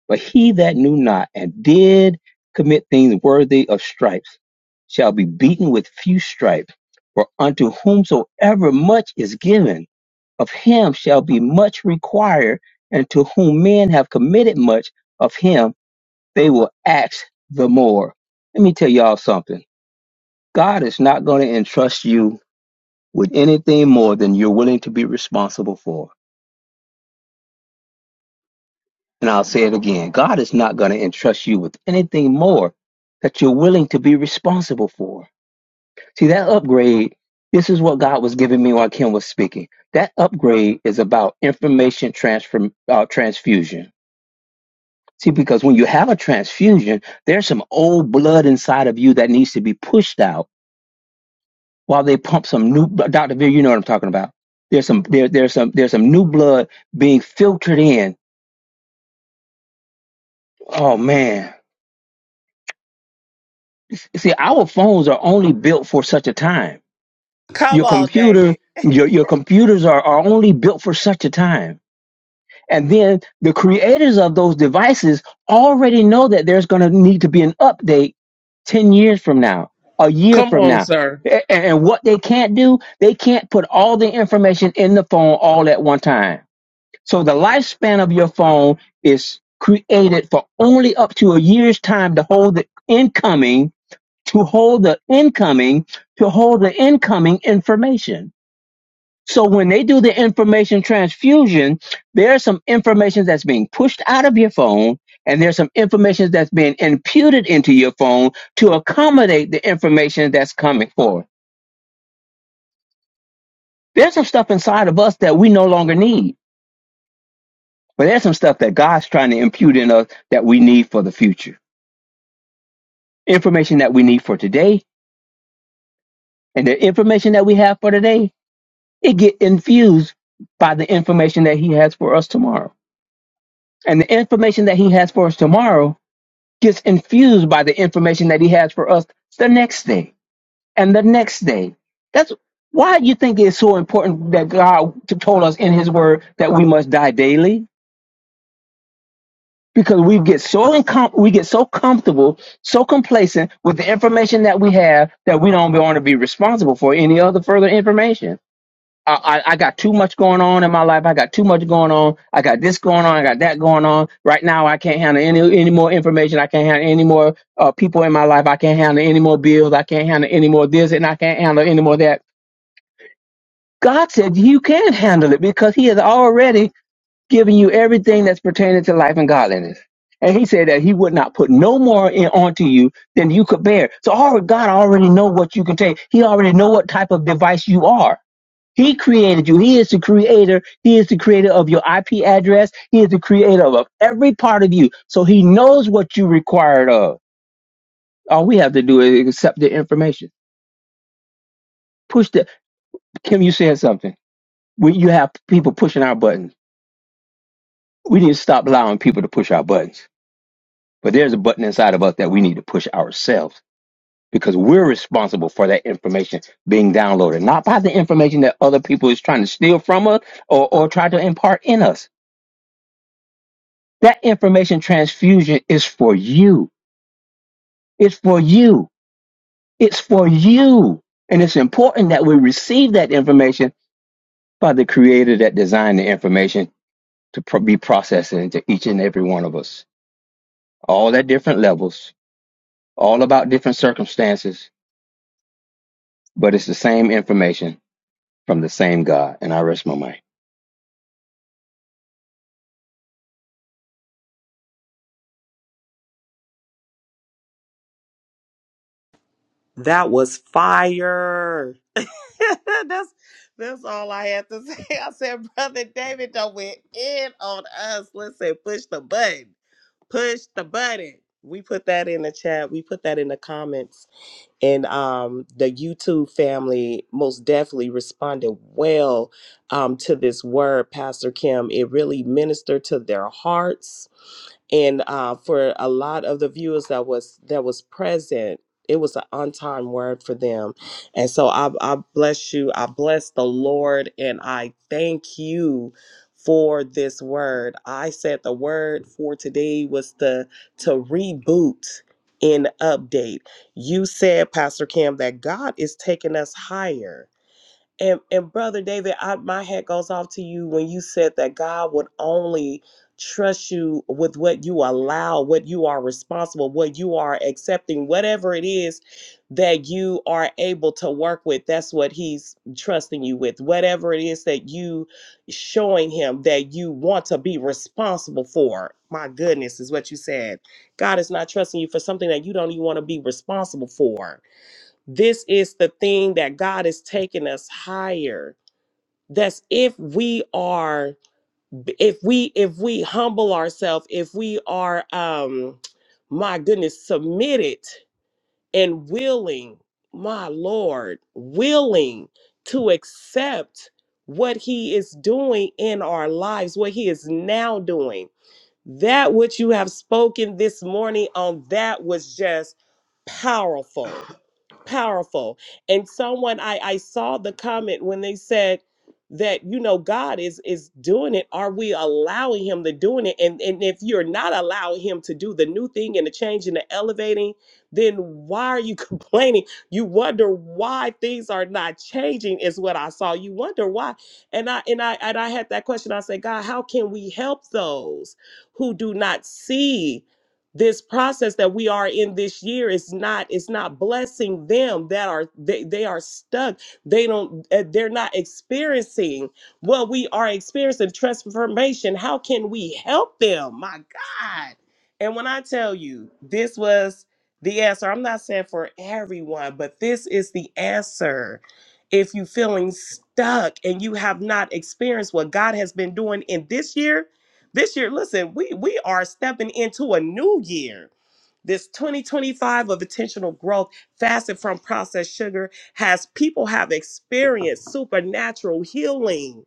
S5: But he that knew not and did commit things worthy of stripes shall be beaten with few stripes. For unto whomsoever much is given, of him shall be much required, and to whom men have committed much, of him they will ask the more. Let me tell y'all something. God is not going to entrust you with anything more than you're willing to be responsible for. And I'll say it again God is not going to entrust you with anything more that you're willing to be responsible for. See, that upgrade, this is what God was giving me while Kim was speaking. That upgrade is about information transfer, uh, transfusion. See, because when you have a transfusion, there's some old blood inside of you that needs to be pushed out while they pump some new. Doctor Veer, you know what I'm talking about. There's some there, there's some there's some new blood being filtered in. Oh man, see our phones are only built for such a time
S1: Come
S5: your
S1: on,
S5: computer
S1: David.
S5: your your computers are, are only built for such a time and then the creators of those devices already know that there's going to need to be an update 10 years from now a year
S4: Come
S5: from
S4: on,
S5: now
S4: sir.
S5: A- and, and what they can't do they can't put all the information in the phone all at one time so the lifespan of your phone is created for only up to a year's time to hold the incoming to hold the incoming to hold the incoming information so when they do the information transfusion there's some information that's being pushed out of your phone and there's some information that's being imputed into your phone to accommodate the information that's coming forth there's some stuff inside of us that we no longer need but there's some stuff that god's trying to impute in us that we need for the future information that we need for today and the information that we have for today it get infused by the information that he has for us tomorrow. And the information that he has for us tomorrow gets infused by the information that he has for us the next day and the next day. That's why you think it's so important that God t- told us in his word that we must die daily because we get so incom- we get so comfortable, so complacent with the information that we have that we don't want to be responsible for any other further information I, I I got too much going on in my life. I got too much going on. I got this going on. I got that going on. Right now, I can't handle any any more information. I can't handle any more uh, people in my life. I can't handle any more bills. I can't handle any more this, and I can't handle any more that. God said you can handle it because He has already given you everything that's pertaining to life and godliness. And He said that He would not put no more in, onto you than you could bear. So, already, God already know what you can take. He already know what type of device you are. He created you. He is the creator. He is the creator of your IP address. He is the creator of every part of you. So he knows what you required of. All we have to do is accept the information. Push the Kim, you said something. We, you have people pushing our buttons. We need to stop allowing people to push our buttons. But there's a button inside of us that we need to push ourselves because we're responsible for that information being downloaded, not by the information that other people is trying to steal from us or, or try to impart in us That information transfusion is for you. It's for you. It's for you. And it's important that we receive that information by the creator that designed the information to pro- be processed into each and every one of us. All at different levels, all about different circumstances, but it's the same information from the same God. And I rest my mind.
S1: That was fire. that's that's all I had to say. I said, Brother David, don't went in on us. Listen, push the button. push the button. We put that in the chat. We put that in the comments. And um, the YouTube family most definitely responded well um, to this word, Pastor Kim. It really ministered to their hearts and uh, for a lot of the viewers that was that was present it was an on-time word for them and so I, I bless you i bless the lord and i thank you for this word i said the word for today was to to reboot and update you said pastor kim that god is taking us higher and and brother David, I, my hat goes off to you when you said that God would only trust you with what you allow, what you are responsible, what you are accepting, whatever it is that you are able to work with. That's what He's trusting you with. Whatever it is that you showing Him that you want to be responsible for. My goodness, is what you said. God is not trusting you for something that you don't even want to be responsible for this is the thing that God is taking us higher. That's if we are, if we, if we humble ourselves, if we are, um, my goodness, submitted and willing, my Lord, willing to accept what He is doing in our lives, what He is now doing. That which you have spoken this morning on that was just powerful powerful and someone i i saw the comment when they said that you know god is is doing it are we allowing him to doing it and and if you're not allowing him to do the new thing and the change and the elevating then why are you complaining you wonder why things are not changing is what i saw you wonder why and i and i and i had that question i said god how can we help those who do not see this process that we are in this year is not it's not blessing them that are they, they are stuck they don't uh, they're not experiencing what we are experiencing transformation how can we help them my god and when i tell you this was the answer i'm not saying for everyone but this is the answer if you feeling stuck and you have not experienced what god has been doing in this year this year, listen, we we are stepping into a new year. This 2025 of intentional growth, fasted from processed sugar, has people have experienced supernatural healing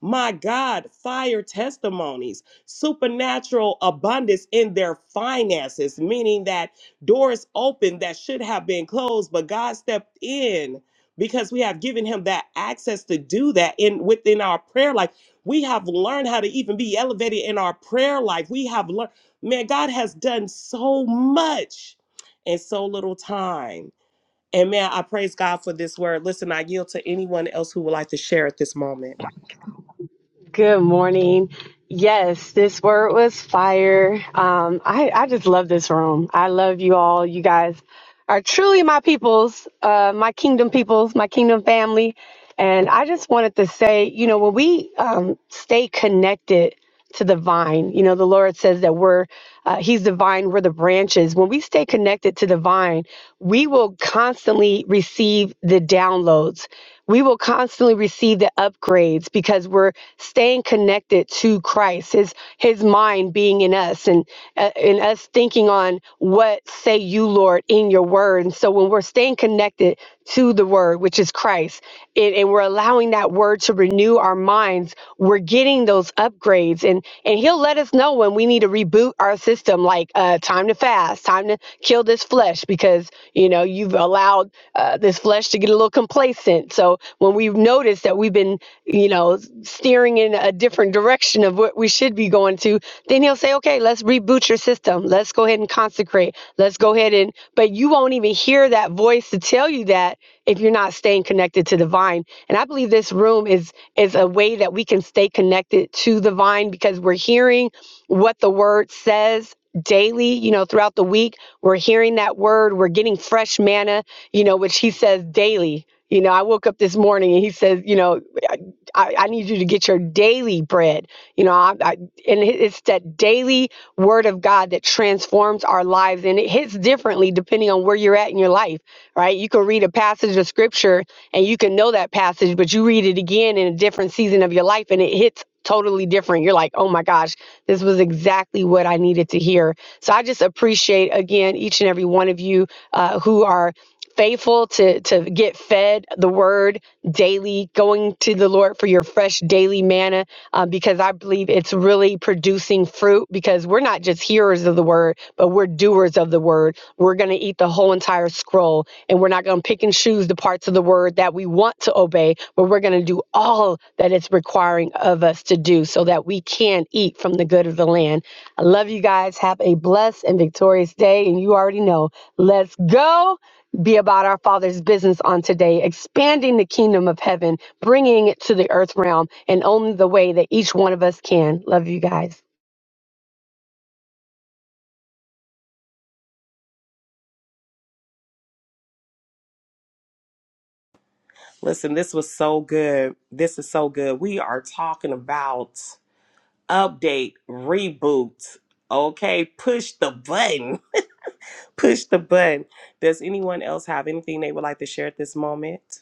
S1: my God, fire testimonies, supernatural abundance in their finances, meaning that doors open that should have been closed, but God stepped in because we have given him that access to do that in within our prayer life. We have learned how to even be elevated in our prayer life. We have learned, man, God has done so much in so little time. And man, I praise God for this word. Listen, I yield to anyone else who would like to share at this moment.
S3: Good morning. Yes, this word was fire. Um, I, I just love this room. I love you all. You guys are truly my peoples, uh, my kingdom peoples, my kingdom family. And I just wanted to say, you know, when we um, stay connected to the vine. You know, the Lord says that we're, uh, He's the vine, we're the branches. When we stay connected to the vine, we will constantly receive the downloads. We will constantly receive the upgrades because we're staying connected to Christ, His His mind being in us, and uh, and us thinking on what say you, Lord, in Your Word. And so, when we're staying connected to the word, which is Christ, and, and we're allowing that word to renew our minds, we're getting those upgrades. And and he'll let us know when we need to reboot our system, like uh, time to fast, time to kill this flesh, because you know you've allowed uh, this flesh to get a little complacent. So know, when we've noticed that we've been, you know, steering in a different direction of what we should be going to, then he'll say, okay, let's reboot your system. Let's go ahead and consecrate. Let's go ahead and, but you won't even hear that voice to tell you that if you're not staying connected to the vine. And I believe this room is is a way that we can stay connected to the vine because we're hearing what the word says daily, you know, throughout the week. We're hearing that word, we're getting fresh manna, you know, which he says daily. You know, I woke up this morning and he says, you know, I, I I need you to get your daily bread. You know, I, I, and it- it's that daily word of God that transforms our lives. And it hits differently depending on where you're at in your life right? You can read a passage of scripture and you can know that passage, but you read it again in a different season of your life and it hits totally different. You're like, oh my gosh, this was exactly what I needed to hear. So I just appreciate, again, each and every one of you uh, who are faithful to to get fed the word daily going to the lord for your fresh daily manna uh, because i believe believe it's really producing fruit because we're not just hearers of the word, but we're doers of the word. We're going to eat the whole entire scroll and we're not going to pick and choose the parts of the word that we want to obey, but we're going to do all that it's requiring of us to do so that we can eat from the good of the land. I love you guys. Have a blessed and victorious day. And you already know, let's go be about our Father's business on today, expanding the kingdom of heaven, bringing it to the earth realm, and only the way that each one of us can. Love you guys.
S1: Listen, this was so good. This is so good. We are talking about update, reboot. Okay, push the button. Push the button. Does anyone else have anything they would like to share at this moment?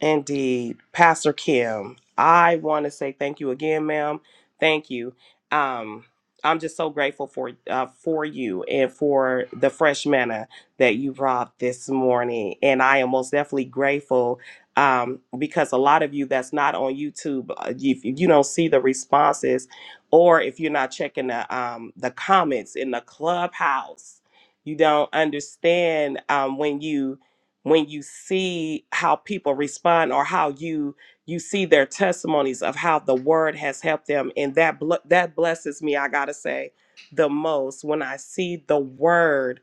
S1: Indeed. Pastor Kim, I want to say thank you again, ma'am. Thank you. Um, I'm just so grateful for uh, for you and for the fresh manna that you brought this morning. And I am most definitely grateful um, because a lot of you that's not on YouTube, uh, if you don't see the responses, or if you're not checking the um, the comments in the clubhouse, you don't understand um, when you when you see how people respond or how you you see their testimonies of how the word has helped them and that bl- that blesses me i gotta say the most when i see the word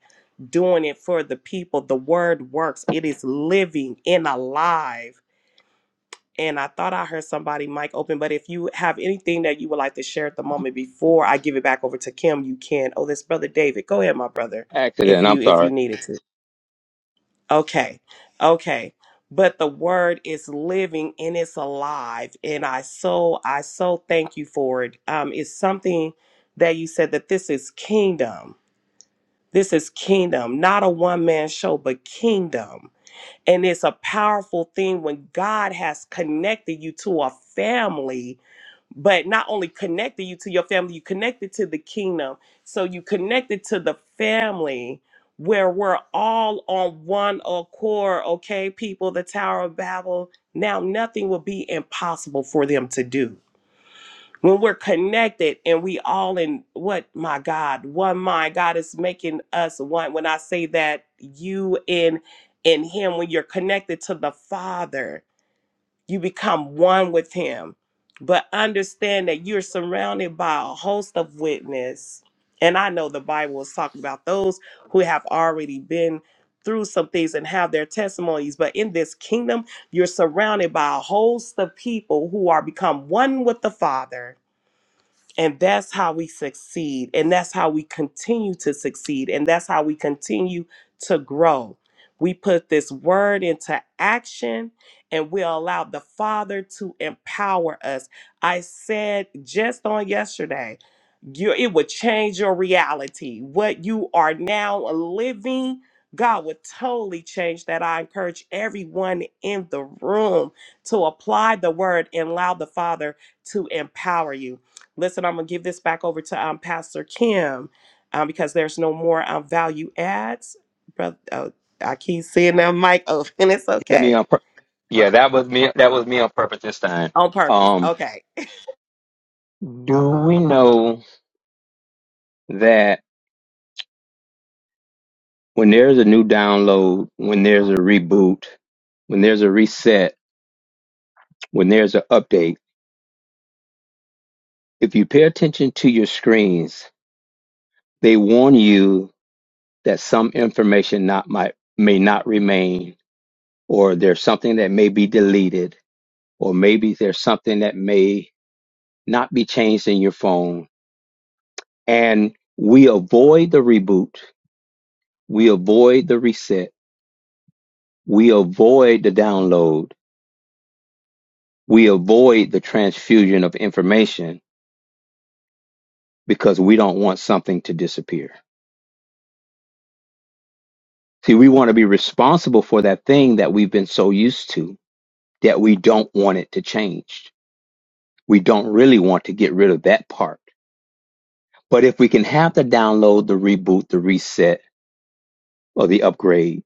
S1: doing it for the people the word works it is living and alive and i thought i heard somebody mic open but if you have anything that you would like to share at the moment before i give it back over to kim you can oh this brother david go ahead my brother if
S5: Accident. I'm
S1: you if
S5: sorry.
S1: you needed to Okay. Okay. But the word is living and it's alive. And I so I so thank you for it. Um, it's something that you said that this is kingdom. This is kingdom, not a one man show, but kingdom. And it's a powerful thing when God has connected you to a family but not only connected you to your family, you connected to the kingdom. So you connected to the family where we're all on one accord, okay, people, the Tower of Babel. Now nothing will be impossible for them to do. When we're connected and we all in what my God, one mind, God is making us one. When I say that you in in him, when you're connected to the Father, you become one with him but understand that you're surrounded by a host of witness and i know the bible is talking about those who have already been through some things and have their testimonies but in this kingdom you're surrounded by a host of people who are become one with the father and that's how we succeed. And that's how we continue to succeed. And that's how we continue to grow. We put this word into action and we allow the Father to empower us. I said just on yesterday, you, it would change your reality. What you are now living, God would totally change that. I encourage everyone in the room to apply the word and allow the Father to empower you. Listen, I'm gonna give this back over to um, Pastor Kim um, because there's no more um, value adds. Brother, oh, I keep seeing that mic open. It's
S5: That me
S1: okay
S5: on pur- yeah, that was me. That was me on purpose this time.
S1: on purpose.
S5: Um,
S1: Okay,
S5: do we know that? when there's a new download, when there's a reboot, when there's a reset, when there's an update, if you pay attention to your screens, they warn you that some information not might may not remain, or there's something that may be deleted, or maybe there's something that may not be changed in your phone. And we avoid the reboot, we avoid the reset, we avoid the download, we avoid the transfusion of information because we don't want something to disappear. See, we want to be responsible for that thing that we've been so used to that we don't want it to change. We don't really want to get rid of that part. But if we can have the download, the reboot, the reset, or the upgrade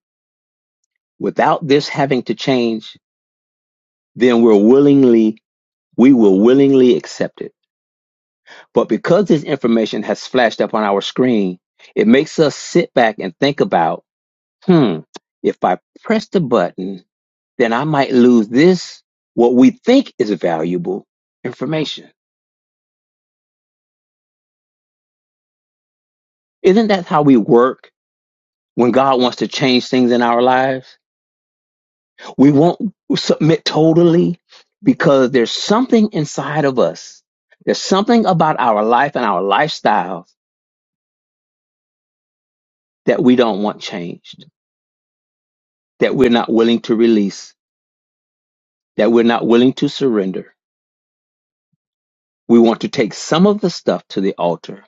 S5: without this having to change, then we're willingly, we will willingly accept it. But because this information has flashed up on our screen, it makes us sit back and think about, hmm, if I press the button, then I might lose this, what we think is valuable information. Isn't that how we work when God wants to change things in our lives? We won't submit totally because there's something inside of us. There's something about our life and our lifestyles that we don't want changed, that we're not willing to release, that we're not willing to surrender. We want to take some of the stuff to the altar,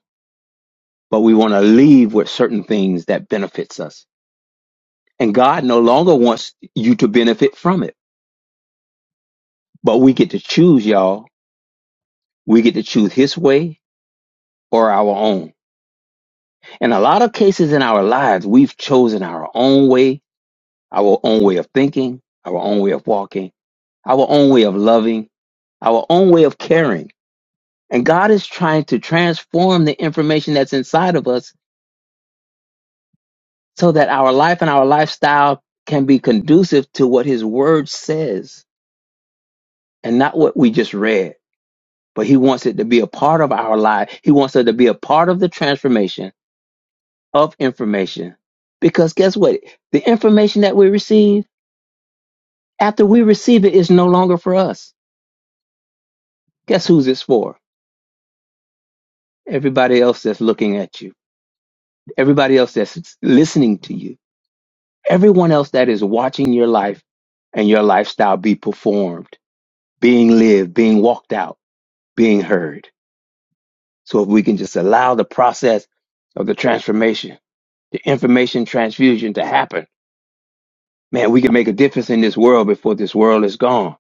S5: but we want to leave with certain things that benefits us And God no longer wants you to benefit from it. But we get to choose, y'all. We get to choose His way or our own. In a lot of cases in our lives, we've chosen our own way, our own way of thinking, our own way of walking, our own way of loving, our own way of caring. And God is trying to transform the information that's inside of us so that our life and our lifestyle can be conducive to what His Word says and not what we just read. but he wants it to be a part of our life. He wants it to be a part of the transformation of information. Because guess what? The information that we receive, after we receive it, is no longer for us. Guess who's it's for? Everybody else that's looking at you, everybody else that's listening to you, everyone else that is watching your life and your lifestyle be performed, being lived, being walked out, being heard. So if we can just allow the process of the transformation, the information transfusion to happen Man, we can make a difference in this world before this world is gone.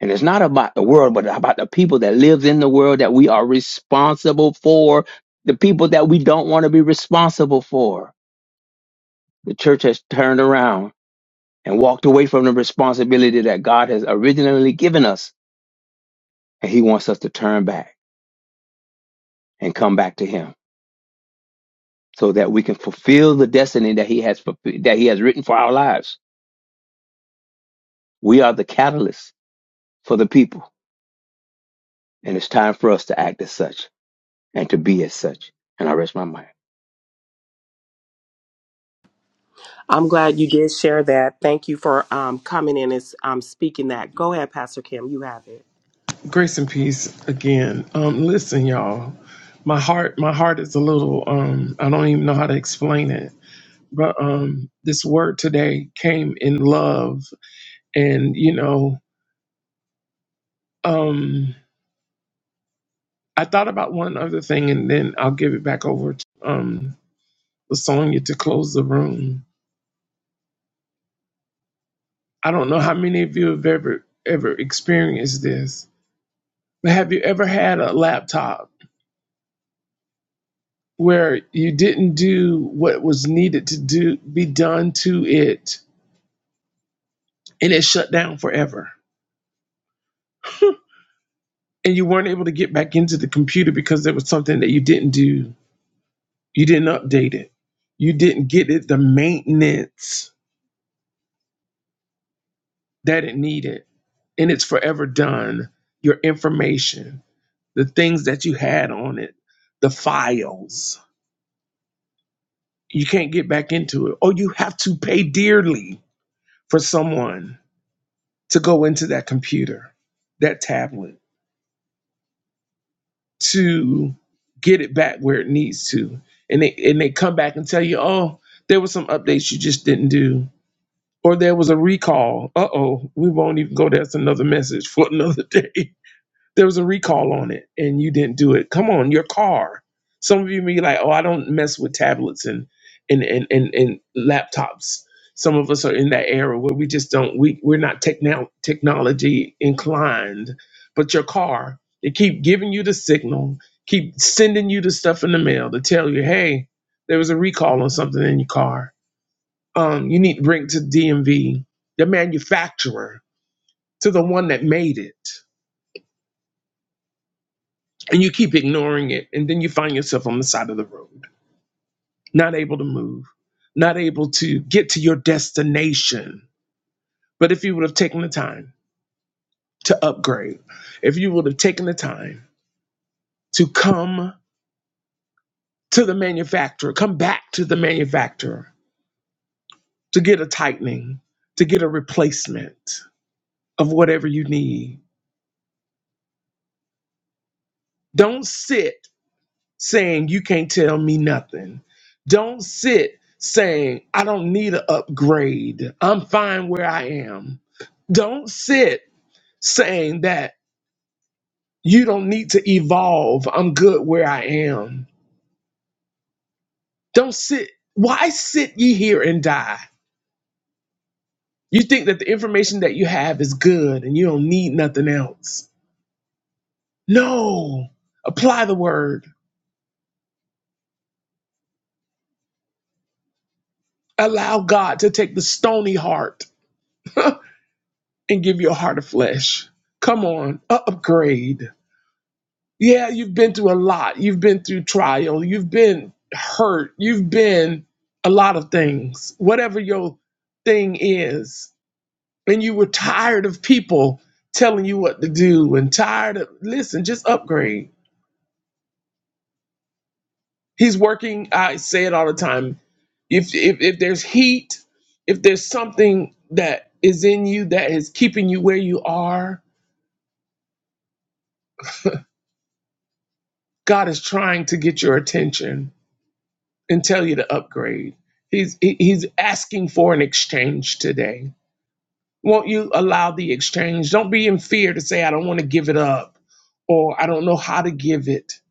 S5: And it's not about the world, but about the people that lives in the world that we are responsible for, the people that we don't want to be responsible for. The church has turned around and walked away from the responsibility that God has originally given us. And he wants us to turn back and come back to him so that we can fulfill the destiny that he has, fulfi- that he has written for our lives. We are the catalyst for the people. And it's time for us to act as such. and to be as such. And I rest my mind.
S1: I'm glad you did share that. Thank you for um, coming in and um, speaking that. Go ahead, Pastor Kim. You have it.
S4: Grace and peace again. Um, listen, y'all. My heart, my heart is a little. Um, I don't even know how to explain it. But um, this word today came in love, and you know, um, I thought about one other thing, and then I'll give it back over to um, Lasonia to close the room. I don't know how many of you have ever ever experienced this, but have you ever had a laptop where you didn't do what was needed to do be done to it? and it shut down forever. And you weren't able to get back into the computer because there was something that you didn't do. You didn't update it. You didn't get it the maintenance that it needed. And it's forever done. Your information, the things that you had on it, the files. You can't get back into it. Or you have to pay dearly for someone to go into that computer, that tablet to get it back where it needs to. And they and they come back and tell you, oh, there was some updates you just didn't do. Or there was a recall. Uh oh, we won't even go. there. That's another message for another day there was a recall on it and you didn't do it. Come on, your car. Some of you may be like, oh, I don't mess with tablets and and and and, and laptops. Some of us are in that era where we just don't we we're not techno- technology inclined. But your car, it keep giving you the signal, keep sending you the stuff in the mail to tell you, hey, there was a recall on something in your car. Um, you need to bring it to DMV, the manufacturer, to the one that made it and you keep ignoring it and then you find yourself on the side of the road not able to move not able to get to your destination but if you would have taken the time to upgrade if you would have taken the time to come to the manufacturer come back to the manufacturer to get a tightening to get a replacement of whatever you need don't sit saying you can't tell me nothing. Don't sit saying I don't need an upgrade. I'm fine where I am. Don't sit saying that you don't need to evolve. I'm good where I am. Don't sit. Why sit ye here and die? You think that the information that you have is good and you don't need nothing else. No. Apply the word. Allow God to take the stony heart and give you a heart of flesh. Come on, upgrade. Yeah, you've been through a lot. You've been through trial. You've been hurt. You've been a lot of things, whatever your thing is. And you were tired of people telling you what to do and tired of, listen, just upgrade. He's working, I say it all the time. If, if, if there's heat, if there's something that is in you that is keeping you where you are, God is trying to get your attention. and tell you to upgrade. He's he's asking for an exchange today. Won't you allow the exchange? Don't be in fear to say I don't want to give it up or I don't know how to give it.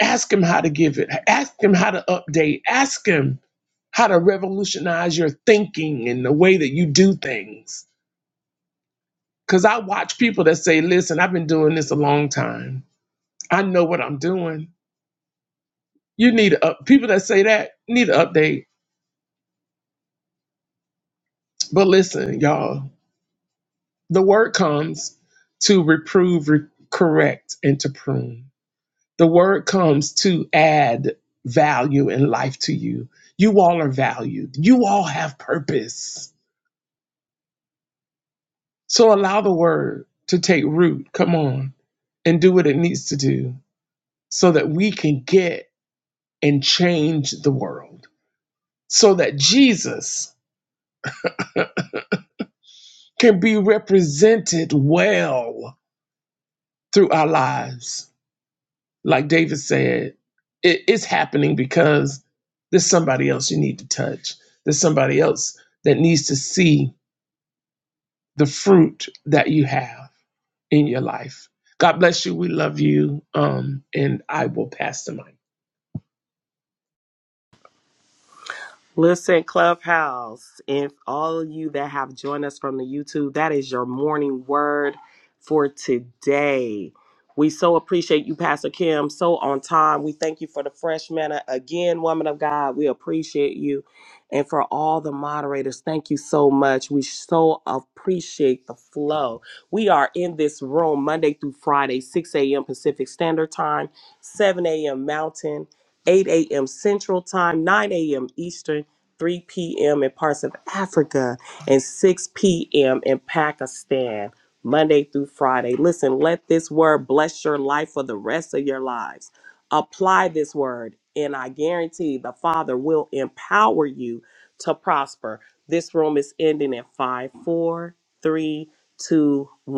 S4: Ask him how to give it. Ask him how to update. Ask him how to revolutionize your thinking and the way that you do things. Cuz I watch people that say, "Listen, I've been doing this a long time. I know what I'm doing." You need to up people that say that need an update. But listen, y'all, The word comes to reprove, re- correct, and to prune. The word comes to add value and life to you. You all are valued. You all have purpose. So allow the word to take root. Come on and do what it needs to do so that we can get and change the world. So that Jesus can be represented well through our lives Like David said, it, it's happening because there's somebody else you need to touch. There's somebody else that needs to see the fruit that you have in your life. God bless you. We love you. Um, and I will pass the mic.
S1: Listen, Clubhouse, if all of you that have joined us from the YouTube, that is your morning word for today. We so appreciate you, Pastor Kim, so on time. We thank you for the fresh manna. Again, woman of God, we appreciate you. And for all the moderators, thank you so much. We so appreciate the flow. We are in this room Monday through Friday, 6 a.m. Pacific Standard Time, 7 a.m. Mountain, 8 a.m. Central Time, 9 a.m. Eastern. 3 p.m. in parts of Africa, and 6 p.m. in Pakistan, Monday through Friday. Listen, let this word bless your life for the rest of your lives. Apply this word, and I guarantee the Father will empower you to prosper. This room is ending in five, four, three, two, one.